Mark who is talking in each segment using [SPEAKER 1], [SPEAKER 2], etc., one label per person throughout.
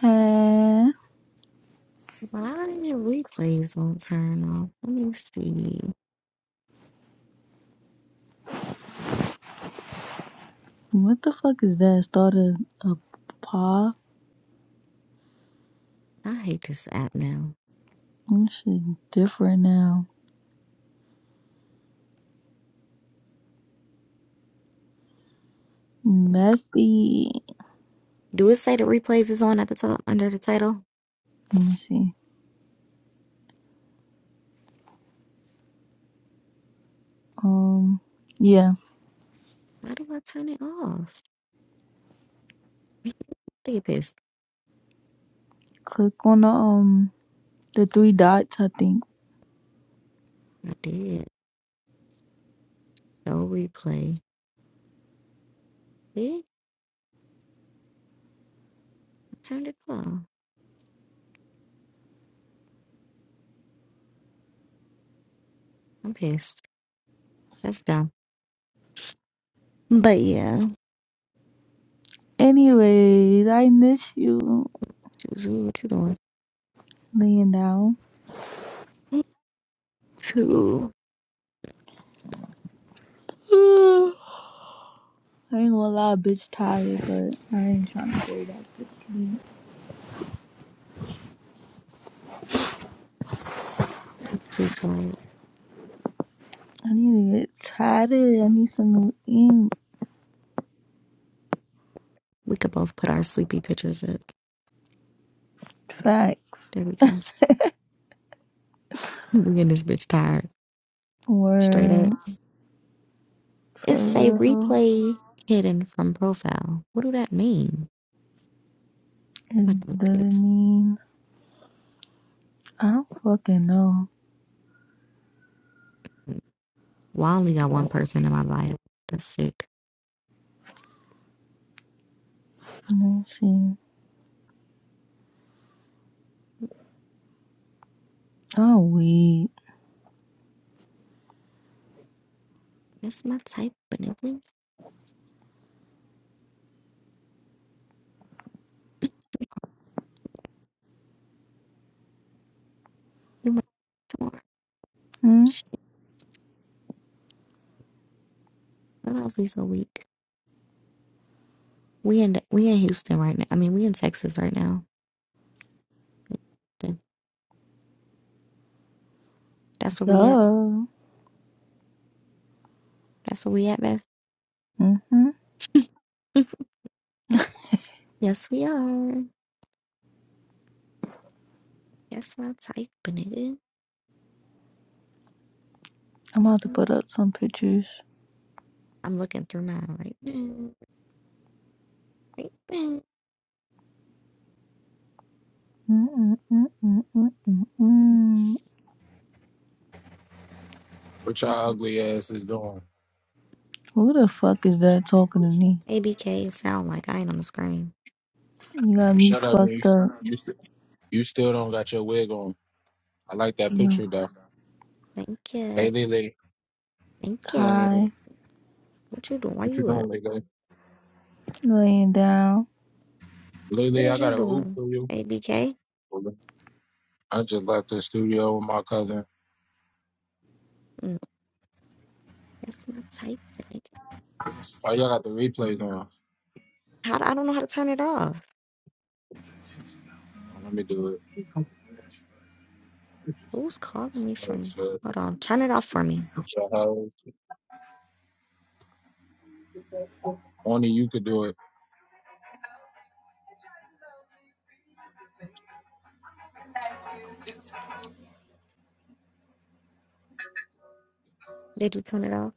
[SPEAKER 1] Huh?
[SPEAKER 2] Why did replays won't turn off? Let me see.
[SPEAKER 1] What the fuck is that? Started a pop?
[SPEAKER 2] I hate this app now.
[SPEAKER 1] This shit different now. Messy.
[SPEAKER 2] Do it say the replays is on at the top under the title?
[SPEAKER 1] Let me see. Um, yeah.
[SPEAKER 2] Why do I turn it off? I get pissed.
[SPEAKER 1] Click on the um the three dots. I think.
[SPEAKER 2] I did. No replay. See? I turned it off. I'm pissed. That's dumb. But yeah.
[SPEAKER 1] Anyways, I miss you
[SPEAKER 2] Zuzu, what you doing?
[SPEAKER 1] laying down.
[SPEAKER 2] I'm too.
[SPEAKER 1] I ain't gonna lie, bitch, tired, but I ain't trying to.
[SPEAKER 2] I'm too tired.
[SPEAKER 1] I need to get tatted. I need some new ink.
[SPEAKER 2] We could both put our sleepy pictures up.
[SPEAKER 1] Facts.
[SPEAKER 2] There we go. we in this bitch tired. Straight up.
[SPEAKER 1] Or for
[SPEAKER 2] It's say
[SPEAKER 1] real,
[SPEAKER 2] replay hidden from profile. What do that mean? I'm about to
[SPEAKER 1] it
[SPEAKER 2] look
[SPEAKER 1] doesn't
[SPEAKER 2] this.
[SPEAKER 1] mean I don't fucking know.
[SPEAKER 2] Well, I only got one person in my bio. That's sick.
[SPEAKER 1] Let me see. Oh, weed.
[SPEAKER 2] That's my type, but nigga. You my torch.
[SPEAKER 1] Hmm.
[SPEAKER 2] What else we so weak? We in we in Houston right now. I mean, we in Texas right now. Houston. That's where we at.
[SPEAKER 1] Duh.
[SPEAKER 2] That's where we at, Beth.
[SPEAKER 1] Mm-hmm.
[SPEAKER 2] yes, we are. That's my type, but nigga.
[SPEAKER 1] I'm
[SPEAKER 2] That's
[SPEAKER 1] about to
[SPEAKER 2] my type.
[SPEAKER 1] put up some pictures.
[SPEAKER 2] I'm looking through mine right now. Right now.
[SPEAKER 1] Mm-mm-mm-mm-mm-mm-mm.
[SPEAKER 3] What your ugly ass is doing?
[SPEAKER 1] Who the fuck is that talking to me?
[SPEAKER 2] ABK sound like I ain't on the screen.
[SPEAKER 1] You got me
[SPEAKER 3] Shut up, you.
[SPEAKER 1] fucked up.
[SPEAKER 3] You, st- you still don't got your wig on. I like that
[SPEAKER 1] You know,
[SPEAKER 3] picture though.
[SPEAKER 2] Thank
[SPEAKER 3] Hey,
[SPEAKER 2] you.
[SPEAKER 3] Lily,
[SPEAKER 2] Thank you.
[SPEAKER 1] high,
[SPEAKER 2] What you doing? Why
[SPEAKER 3] what you
[SPEAKER 2] you up?
[SPEAKER 3] doing, Lily?
[SPEAKER 1] laying down.
[SPEAKER 2] What
[SPEAKER 3] Lily, I
[SPEAKER 2] is you
[SPEAKER 3] got a oop
[SPEAKER 2] doing?
[SPEAKER 3] for you.
[SPEAKER 2] ABK?
[SPEAKER 3] I just left the studio with my cousin.
[SPEAKER 2] Mm, that's my type. but
[SPEAKER 3] Oh, y'all got the replays on.
[SPEAKER 2] How do, I don't know how to turn it off.
[SPEAKER 3] Let me do it.
[SPEAKER 2] Who's calling me
[SPEAKER 3] Oh,
[SPEAKER 2] from?
[SPEAKER 3] shit.
[SPEAKER 2] Hold on. Turn it off for me.
[SPEAKER 3] Your hoes. Only you could do it.
[SPEAKER 2] Did you turn it off?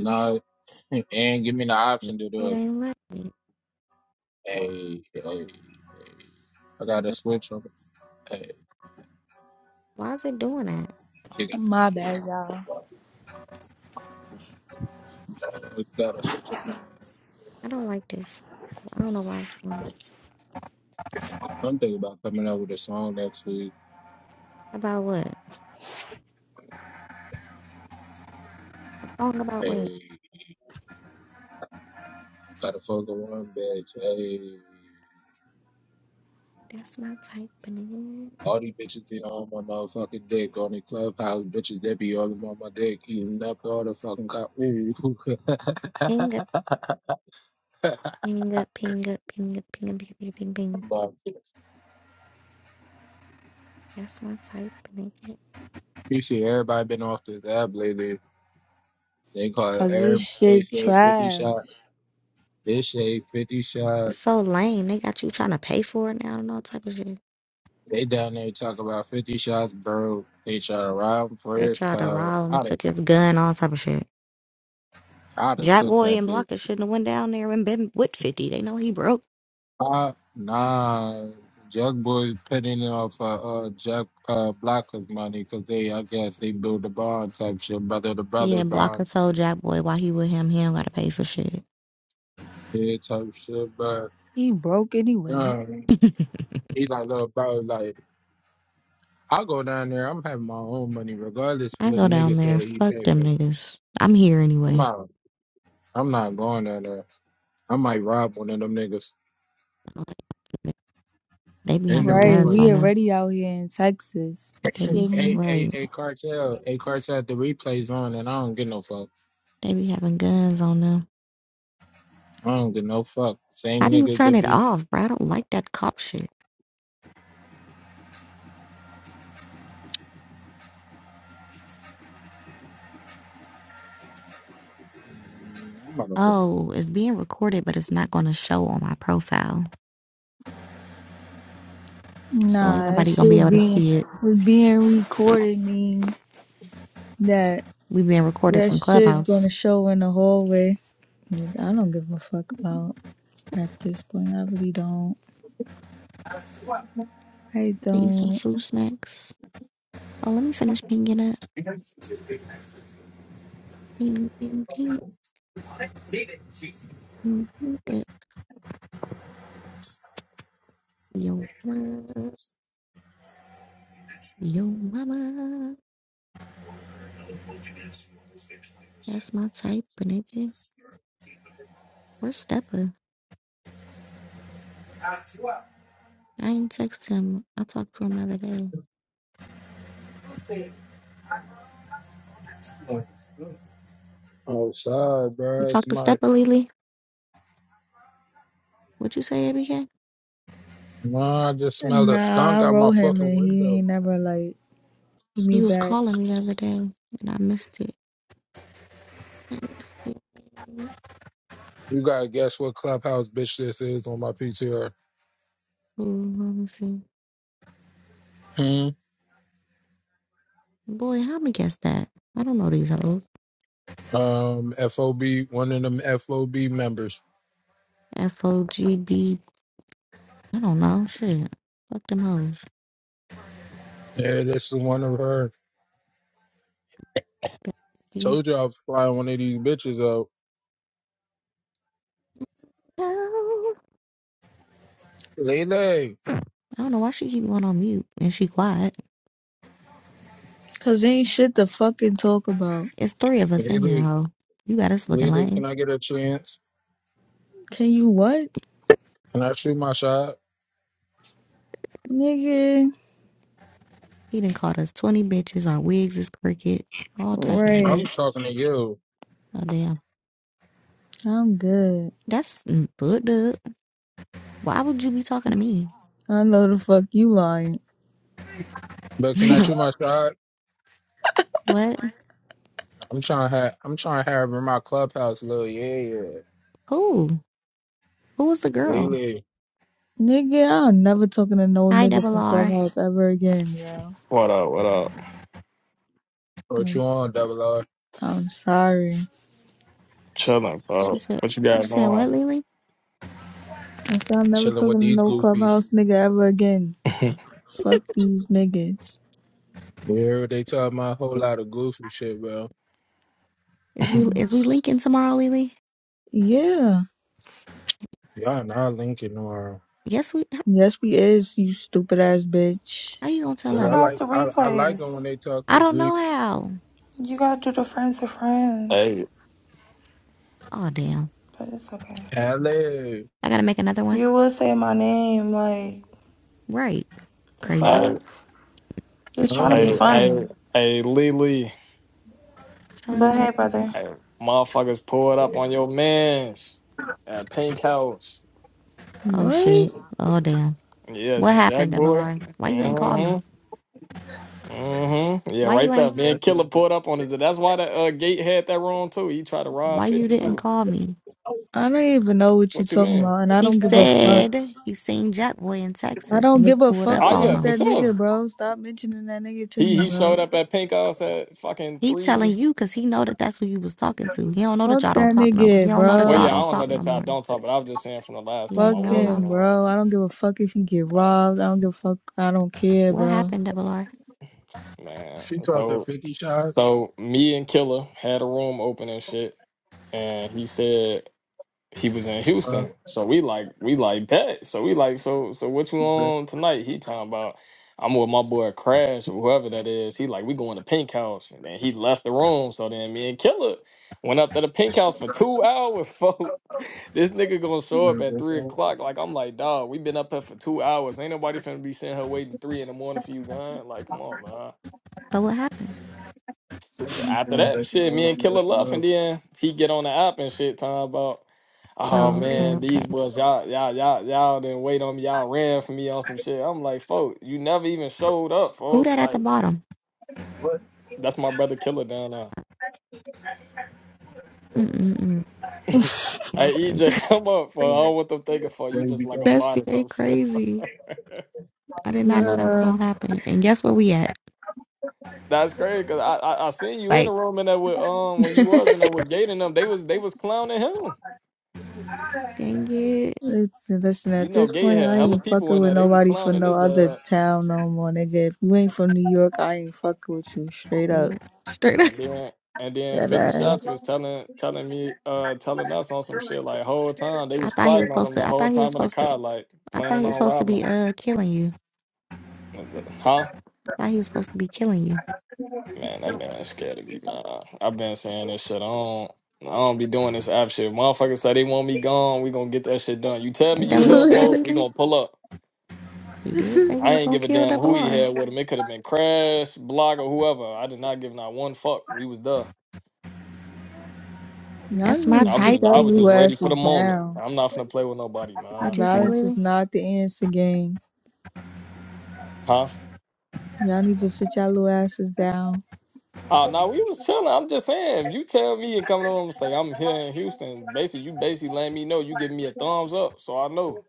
[SPEAKER 3] Nah, and give me the option to do
[SPEAKER 2] It
[SPEAKER 3] it.
[SPEAKER 2] ain't let me.
[SPEAKER 3] Hey, hey, hey. I got a
[SPEAKER 2] What-
[SPEAKER 3] switch on. Hey,
[SPEAKER 2] Why is it doing that?
[SPEAKER 3] you got to
[SPEAKER 1] My
[SPEAKER 3] switch
[SPEAKER 1] bad, y'all.
[SPEAKER 3] up. we got to switch up, man.
[SPEAKER 2] I don't like this. I don't know why it's doing it.
[SPEAKER 3] I'm thinking about coming out with a song next week.
[SPEAKER 2] About what? A song about what?
[SPEAKER 3] Hey, gotta fuck with one bitch. Hey,
[SPEAKER 2] That's my type. but it-
[SPEAKER 3] all these bitches be on my motherfucking dick. On the clubhouse, bitches, they be all on my dick. Eating up all the fucking cop. Ooh.
[SPEAKER 2] Ping up, ping up, ping up, ping up, ping up, ping up, ping up, ping. up, ping.
[SPEAKER 3] but,
[SPEAKER 2] That's my type. Nigga.
[SPEAKER 3] you see, everybody been off this app lately. They call it
[SPEAKER 1] Cause this
[SPEAKER 3] Air Base
[SPEAKER 1] shit
[SPEAKER 3] 50
[SPEAKER 1] trash.
[SPEAKER 3] shot. This shade 50 shot.
[SPEAKER 2] It's so lame. They got you trying to pay for it now and all type of shit.
[SPEAKER 3] They down there talk about 50 shots, bro. They shot around
[SPEAKER 2] They
[SPEAKER 3] first
[SPEAKER 2] tried to
[SPEAKER 3] power.
[SPEAKER 2] rob him,
[SPEAKER 3] I'd have,
[SPEAKER 2] took his gun, all type of shit.
[SPEAKER 3] I'd have
[SPEAKER 2] Jack
[SPEAKER 3] took
[SPEAKER 2] Boy
[SPEAKER 3] that
[SPEAKER 2] and
[SPEAKER 3] bitch.
[SPEAKER 2] Blocker shouldn't have went down there and been with 50. They know he broke.
[SPEAKER 3] Uh, nah. Jug boys petting it off uh, uh, Jack uh, Blocker's money because they, I guess, they build a bond type shit, brother to
[SPEAKER 2] Yeah,
[SPEAKER 3] brother
[SPEAKER 2] Blocker
[SPEAKER 3] bond,
[SPEAKER 2] told Jack Boy why he with him, he don't gotta pay for shit.
[SPEAKER 3] yeah, type shit. But
[SPEAKER 1] He broke anyway.
[SPEAKER 3] um, he like little bro, like I go down there, I'm having my own money regardless of
[SPEAKER 2] I
[SPEAKER 3] what
[SPEAKER 2] go
[SPEAKER 3] the
[SPEAKER 2] down
[SPEAKER 3] nigga
[SPEAKER 2] there,
[SPEAKER 3] say he
[SPEAKER 2] fuck
[SPEAKER 3] pay
[SPEAKER 2] them
[SPEAKER 3] for.
[SPEAKER 2] niggas. I'm here
[SPEAKER 3] I'm
[SPEAKER 2] anyway.
[SPEAKER 3] not, I'm not going down there. I might rob one of them niggas.
[SPEAKER 2] I don't like them. They be
[SPEAKER 3] And the
[SPEAKER 2] having
[SPEAKER 1] Right,
[SPEAKER 2] guns
[SPEAKER 1] we
[SPEAKER 3] replays.
[SPEAKER 2] on them.
[SPEAKER 1] already out here in Texas.
[SPEAKER 2] They
[SPEAKER 1] Shit
[SPEAKER 2] be
[SPEAKER 3] A
[SPEAKER 1] me.
[SPEAKER 3] a
[SPEAKER 2] right.
[SPEAKER 3] a cartel. A cartel. The replays on, and I don't get no fuck.
[SPEAKER 2] They be having guns on them.
[SPEAKER 3] I don't get no fuck. Same
[SPEAKER 2] How do you
[SPEAKER 3] nigga
[SPEAKER 2] turn
[SPEAKER 3] to
[SPEAKER 2] it
[SPEAKER 3] be.
[SPEAKER 2] off, bro? I don't like that cop shit.
[SPEAKER 3] I'm about to put it-
[SPEAKER 2] Oh,
[SPEAKER 3] in.
[SPEAKER 2] it's being recorded, but it's not going to show on my profile. So ain't
[SPEAKER 1] Nah, that
[SPEAKER 2] nobody gonna be
[SPEAKER 1] shit
[SPEAKER 2] able to
[SPEAKER 1] being
[SPEAKER 2] see it.
[SPEAKER 1] was being recorded mean that
[SPEAKER 2] We being recorded
[SPEAKER 1] That
[SPEAKER 2] from
[SPEAKER 1] shit
[SPEAKER 2] Clubhouse.
[SPEAKER 1] gonna show in the hallway. I don't give a fuck about at this point. I really don't. I
[SPEAKER 2] I eat some
[SPEAKER 1] don't.
[SPEAKER 2] food snacks. Oh, let me finish pinging it. Ping, ping, ping, ping, ping it. Yo, mama, yo, mama. That's my type, but nigga. Where's Steppa? I ain't text him. I talked to him the other day.
[SPEAKER 3] Oh, sorry,
[SPEAKER 2] You
[SPEAKER 3] bro. It's
[SPEAKER 2] talked to
[SPEAKER 3] my.
[SPEAKER 2] Steppa, Lily? What'd you say, ABK?
[SPEAKER 3] Nah, I just smelled a
[SPEAKER 1] Nah,
[SPEAKER 3] skunk
[SPEAKER 1] I
[SPEAKER 3] out my
[SPEAKER 1] wrote him
[SPEAKER 3] fucking
[SPEAKER 1] and he
[SPEAKER 3] window.
[SPEAKER 1] ain't never like give me
[SPEAKER 2] He was
[SPEAKER 1] back.
[SPEAKER 2] calling me the other day, and I missed it. I missed it.
[SPEAKER 3] You gotta guess what clubhouse bitch this is on my PTR.
[SPEAKER 2] Ooh, let me see.
[SPEAKER 3] Hmm.
[SPEAKER 2] Boy, how me guess that? I don't know these hoes.
[SPEAKER 3] Um. FOB. One of them FOB members.
[SPEAKER 2] F O G B. I don't know. Shit. Fuck them hoes.
[SPEAKER 3] Yeah, this is one of her.
[SPEAKER 2] B-
[SPEAKER 3] Told you I'd fly one of these bitches out.
[SPEAKER 2] No. I
[SPEAKER 3] Lele.
[SPEAKER 2] don't know why she keep going on mute and she quiet.
[SPEAKER 1] Cause ain't shit to fucking talk about.
[SPEAKER 2] It's three of us in here,
[SPEAKER 3] Lele.
[SPEAKER 2] hoe. You got us looking
[SPEAKER 3] Lita, can
[SPEAKER 2] lame.
[SPEAKER 3] I get a chance?
[SPEAKER 1] Can you what?
[SPEAKER 3] Can I shoot my shot?
[SPEAKER 1] Nigga.
[SPEAKER 2] He done called us 20 bitches. Our wigs is crooked. All type of
[SPEAKER 3] I
[SPEAKER 2] shit.
[SPEAKER 1] Right.
[SPEAKER 3] was talking to you,
[SPEAKER 2] Oh, damn.
[SPEAKER 1] I'm good.
[SPEAKER 2] That's fucked up. Why would you be talking to me?
[SPEAKER 1] I know the fuck you lying.
[SPEAKER 3] but can I shoot my shot?
[SPEAKER 2] what?
[SPEAKER 3] I'm trying to have I'm trying to have her in my clubhouse, little yeah, yeah.
[SPEAKER 2] Who? Who was the girl?
[SPEAKER 3] Lily,
[SPEAKER 1] Nigga, I'm never talking to no
[SPEAKER 2] Hi,
[SPEAKER 1] nigga
[SPEAKER 2] Double
[SPEAKER 1] from
[SPEAKER 2] R.
[SPEAKER 1] Clubhouse ever again, yo.
[SPEAKER 4] What up? What up?
[SPEAKER 3] what you
[SPEAKER 1] I'm
[SPEAKER 3] on, double R?
[SPEAKER 1] I'm sorry.
[SPEAKER 4] Chilling,
[SPEAKER 2] She
[SPEAKER 4] bro.
[SPEAKER 2] said,
[SPEAKER 4] What you
[SPEAKER 2] you
[SPEAKER 4] got
[SPEAKER 2] said
[SPEAKER 4] going?
[SPEAKER 2] what, Lily?
[SPEAKER 1] I said I'm never
[SPEAKER 3] Chilling
[SPEAKER 1] talking
[SPEAKER 3] with
[SPEAKER 1] to
[SPEAKER 3] these
[SPEAKER 1] no
[SPEAKER 3] goofies.
[SPEAKER 1] Clubhouse nigga ever again.
[SPEAKER 4] hey,
[SPEAKER 1] Fuck these niggas.
[SPEAKER 3] You hear what they talking about? A whole lot of goofy shit, bro.
[SPEAKER 2] Is we is we linking tomorrow, Lily?
[SPEAKER 1] Yeah.
[SPEAKER 3] Y'all not linking tomorrow.
[SPEAKER 2] Yes, we.
[SPEAKER 1] Yes, we is, you stupid ass bitch.
[SPEAKER 2] How you gonna tell
[SPEAKER 3] Oh,
[SPEAKER 5] Turn
[SPEAKER 3] I
[SPEAKER 2] us?
[SPEAKER 5] off
[SPEAKER 3] like
[SPEAKER 5] the
[SPEAKER 3] I, I like them when
[SPEAKER 5] replays.
[SPEAKER 3] they talk
[SPEAKER 2] I
[SPEAKER 3] to
[SPEAKER 2] don't know
[SPEAKER 3] Greek.
[SPEAKER 2] how.
[SPEAKER 5] You gotta do the friends of friends.
[SPEAKER 4] hey,
[SPEAKER 2] Oh damn.
[SPEAKER 5] But it's okay.
[SPEAKER 3] Alley,
[SPEAKER 2] I gotta make another one.
[SPEAKER 5] You will say my name, like,
[SPEAKER 2] Right.
[SPEAKER 5] the
[SPEAKER 2] Crazy.
[SPEAKER 5] fuck?
[SPEAKER 3] I
[SPEAKER 5] Just trying
[SPEAKER 3] don't
[SPEAKER 5] to
[SPEAKER 3] give
[SPEAKER 5] be
[SPEAKER 3] no
[SPEAKER 4] hey,
[SPEAKER 3] fuck.
[SPEAKER 5] funny.
[SPEAKER 4] hey, hey, Lily.
[SPEAKER 2] Trying to
[SPEAKER 5] But
[SPEAKER 2] be
[SPEAKER 5] hey, brother.
[SPEAKER 4] Hey, motherfuckers pulled up on your mans at Pink House.
[SPEAKER 2] Oh
[SPEAKER 1] What?
[SPEAKER 2] shit. Oh damn.
[SPEAKER 4] Yes,
[SPEAKER 2] What
[SPEAKER 4] and Jack
[SPEAKER 2] happened, Double
[SPEAKER 4] Boy.
[SPEAKER 2] R? Why you ain't call me?
[SPEAKER 4] Mm-hmm. Mm-hmm. Yeah,
[SPEAKER 2] Why
[SPEAKER 4] right
[SPEAKER 2] you
[SPEAKER 4] there.
[SPEAKER 2] ain't
[SPEAKER 4] Man, Killer pulled up on us. That's why the uh, gate had that wrong too. He tried to rob
[SPEAKER 2] why you
[SPEAKER 4] 50
[SPEAKER 2] didn't
[SPEAKER 4] too.
[SPEAKER 2] call me?
[SPEAKER 1] I don't even know what you
[SPEAKER 4] What you
[SPEAKER 1] talking
[SPEAKER 4] mean?
[SPEAKER 1] about, and I
[SPEAKER 2] He
[SPEAKER 1] don't give a fuck.
[SPEAKER 2] said he seen Jack Boy in
[SPEAKER 1] I
[SPEAKER 2] Texas
[SPEAKER 1] don't
[SPEAKER 2] and he
[SPEAKER 1] give a
[SPEAKER 2] pulled
[SPEAKER 1] fuck
[SPEAKER 2] up
[SPEAKER 4] Oh
[SPEAKER 2] on
[SPEAKER 4] yeah,
[SPEAKER 1] about
[SPEAKER 4] for
[SPEAKER 2] him.
[SPEAKER 1] that
[SPEAKER 4] sure.
[SPEAKER 1] nigga, bro. Stop mentioning that nigga to
[SPEAKER 4] He
[SPEAKER 1] me,
[SPEAKER 4] he
[SPEAKER 1] bro.
[SPEAKER 4] showed up at Pink House at fucking
[SPEAKER 2] He
[SPEAKER 4] three.
[SPEAKER 2] telling you because he know that that's who you was talking to. He don't know that
[SPEAKER 1] Fuck
[SPEAKER 2] y'all don't
[SPEAKER 1] that
[SPEAKER 2] talk no He
[SPEAKER 1] nigga,
[SPEAKER 2] don't know that
[SPEAKER 4] Well,
[SPEAKER 1] bro.
[SPEAKER 2] y'all
[SPEAKER 4] yeah, I
[SPEAKER 2] don't
[SPEAKER 4] don't
[SPEAKER 2] talk
[SPEAKER 4] know
[SPEAKER 2] no
[SPEAKER 4] that y'all
[SPEAKER 2] more.
[SPEAKER 4] don't talk, but I was just saying from the last
[SPEAKER 2] Yeah,
[SPEAKER 4] time
[SPEAKER 2] he
[SPEAKER 4] I
[SPEAKER 1] Fuck
[SPEAKER 2] don't
[SPEAKER 4] was in
[SPEAKER 2] know.
[SPEAKER 4] the
[SPEAKER 1] him,
[SPEAKER 4] room,
[SPEAKER 1] bro. I don't give a fuck if he get
[SPEAKER 4] uh,
[SPEAKER 1] robbed. I don't give a fuck. I don't care,
[SPEAKER 2] What
[SPEAKER 1] bro.
[SPEAKER 2] happened, Double R?
[SPEAKER 4] man.
[SPEAKER 3] She talked to
[SPEAKER 4] So,
[SPEAKER 3] 50 shot.
[SPEAKER 4] so me and Killer had a room open and shit, and he said he was in Houston. So we like we like bet. So we like so so what you
[SPEAKER 3] Uh,
[SPEAKER 4] on tonight? He talking about I'm with my boy Crash or whoever that is. He like we going to Pink House and then he left the room. So then me and Killer went up to the Pink House for two hours, folks. This nigga gonna show up at three o'clock. Like I'm like, dog, we been up here for two hours. Ain't nobody finna be sitting here waiting three in the morning for you, gun. Like, come on, man
[SPEAKER 2] So what happened?
[SPEAKER 4] after that shit, me and Killer Love, and then he get on the app and shit, talking about, oh
[SPEAKER 2] Oh, okay,
[SPEAKER 4] man,
[SPEAKER 2] okay.
[SPEAKER 4] these boys, y'all, y'all, y'all, y'all didn't wait on me, y'all ran for me on some shit. I'm like, folk, you never even showed up,
[SPEAKER 2] Who
[SPEAKER 4] folk.
[SPEAKER 2] that at the
[SPEAKER 4] Like,
[SPEAKER 2] bottom?
[SPEAKER 4] that's my brother Killer down there.
[SPEAKER 2] Mm mm mm. Y'all
[SPEAKER 4] Hey
[SPEAKER 2] crazy.
[SPEAKER 4] EJ, come up, for I don't want them thinking for you just like a bot
[SPEAKER 2] Bestie,
[SPEAKER 4] or
[SPEAKER 2] they
[SPEAKER 4] some shit.
[SPEAKER 2] crazy. I did not know that was
[SPEAKER 1] Bruh.
[SPEAKER 2] gonna happen. And guess where we at?
[SPEAKER 4] That's crazy, cause I, I I seen
[SPEAKER 2] It's
[SPEAKER 4] you in
[SPEAKER 2] Like,
[SPEAKER 4] the room and that with um when you was in there with Gate and them, they was they was clowning him.
[SPEAKER 2] dang it.
[SPEAKER 1] It's, listen,
[SPEAKER 4] You
[SPEAKER 1] at
[SPEAKER 4] know,
[SPEAKER 1] this
[SPEAKER 4] Gate
[SPEAKER 1] point,
[SPEAKER 4] had
[SPEAKER 1] I
[SPEAKER 4] hella
[SPEAKER 1] ain't
[SPEAKER 4] people
[SPEAKER 1] fucking
[SPEAKER 4] in
[SPEAKER 1] with
[SPEAKER 4] there. They was
[SPEAKER 1] nobody from
[SPEAKER 4] clowning
[SPEAKER 1] no
[SPEAKER 4] his
[SPEAKER 1] other
[SPEAKER 4] uh
[SPEAKER 1] town no more, nigga. If you ain't from New York, I ain't fucking with you straight
[SPEAKER 2] Straight
[SPEAKER 1] up.
[SPEAKER 2] up. Straight up.
[SPEAKER 4] And then and then Fifty
[SPEAKER 1] That
[SPEAKER 4] Shots was telling telling me uh telling us on some shit like whole time they
[SPEAKER 2] I
[SPEAKER 4] was
[SPEAKER 2] thought he was
[SPEAKER 4] plotting on
[SPEAKER 2] supposed
[SPEAKER 4] him the
[SPEAKER 2] to I
[SPEAKER 4] whole
[SPEAKER 2] thought he was
[SPEAKER 4] time in the
[SPEAKER 2] supposed to
[SPEAKER 4] car like
[SPEAKER 2] I thought
[SPEAKER 4] planning
[SPEAKER 2] he was
[SPEAKER 4] on
[SPEAKER 2] supposed to
[SPEAKER 4] robbing
[SPEAKER 2] be uh killing you.
[SPEAKER 4] him. Huh?
[SPEAKER 2] I thought he was supposed to be killing you.
[SPEAKER 4] Man, that man is scared of me. man. I've been saying this shit. I don't I don't be doing this app shit. Motherfuckers say they want me gone. We gonna get that shit done. You tell me
[SPEAKER 2] Ain't that
[SPEAKER 4] you
[SPEAKER 1] ass.
[SPEAKER 2] what he
[SPEAKER 4] here,
[SPEAKER 2] said,
[SPEAKER 4] folks. We
[SPEAKER 2] Lily?
[SPEAKER 4] gonna pull up.
[SPEAKER 2] He did say he
[SPEAKER 4] I
[SPEAKER 2] was
[SPEAKER 4] ain't
[SPEAKER 2] gonna
[SPEAKER 4] give a
[SPEAKER 2] kill
[SPEAKER 4] damn
[SPEAKER 2] double
[SPEAKER 4] who he
[SPEAKER 2] R.
[SPEAKER 4] had with him. It could have been Crash, Block, or whoever. I did not give not one fuck. We was done.
[SPEAKER 1] y'all
[SPEAKER 2] That's my
[SPEAKER 1] need
[SPEAKER 4] I
[SPEAKER 1] to
[SPEAKER 4] was
[SPEAKER 1] sit
[SPEAKER 2] type,
[SPEAKER 4] just I
[SPEAKER 1] y'all
[SPEAKER 2] but
[SPEAKER 4] was
[SPEAKER 1] little
[SPEAKER 4] just ready for
[SPEAKER 1] asses
[SPEAKER 4] the moment.
[SPEAKER 1] down.
[SPEAKER 4] I'm not finna play with nobody, man.
[SPEAKER 2] what you say,
[SPEAKER 1] Violence is
[SPEAKER 2] Lily?
[SPEAKER 1] not the answer, gang.
[SPEAKER 4] Huh?
[SPEAKER 1] Y'all need to sit y'all little asses down.
[SPEAKER 4] Oh no, we was chilling. I'm just saying, if you tell me and come to the room and say I'm here in Houston, basically you basically letting me know you giving me a thumbs up, so I know.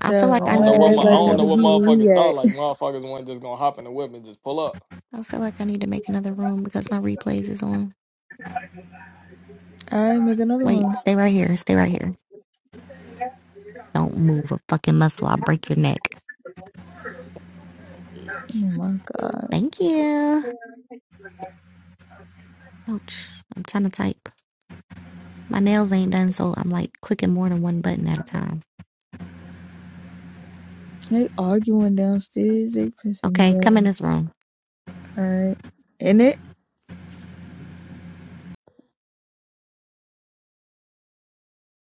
[SPEAKER 2] I feel
[SPEAKER 4] I
[SPEAKER 2] like I
[SPEAKER 4] don't
[SPEAKER 2] need
[SPEAKER 4] know
[SPEAKER 2] to
[SPEAKER 4] what
[SPEAKER 2] make
[SPEAKER 4] my I
[SPEAKER 1] everybody
[SPEAKER 4] don't
[SPEAKER 2] another
[SPEAKER 4] know
[SPEAKER 1] wanna be
[SPEAKER 4] what motherfuckers
[SPEAKER 1] where
[SPEAKER 4] thought.
[SPEAKER 1] we
[SPEAKER 4] Like motherfuckers weren't just gonna hop in the whip and just pull up.
[SPEAKER 2] I feel like I need to make another room because my replays is on.
[SPEAKER 1] at. I make another
[SPEAKER 2] Wait,
[SPEAKER 1] one.
[SPEAKER 2] stay right here. Stay right here. Don't move a fucking muscle. I'll break your neck.
[SPEAKER 1] Oh my god.
[SPEAKER 2] Thank you. Ouch. I'm trying to type. My nails ain't done, so I'm like clicking more than one button at a time.
[SPEAKER 1] They arguing downstairs. They pissing me
[SPEAKER 2] Okay, come in
[SPEAKER 1] off.
[SPEAKER 2] this room.
[SPEAKER 1] Alright. And it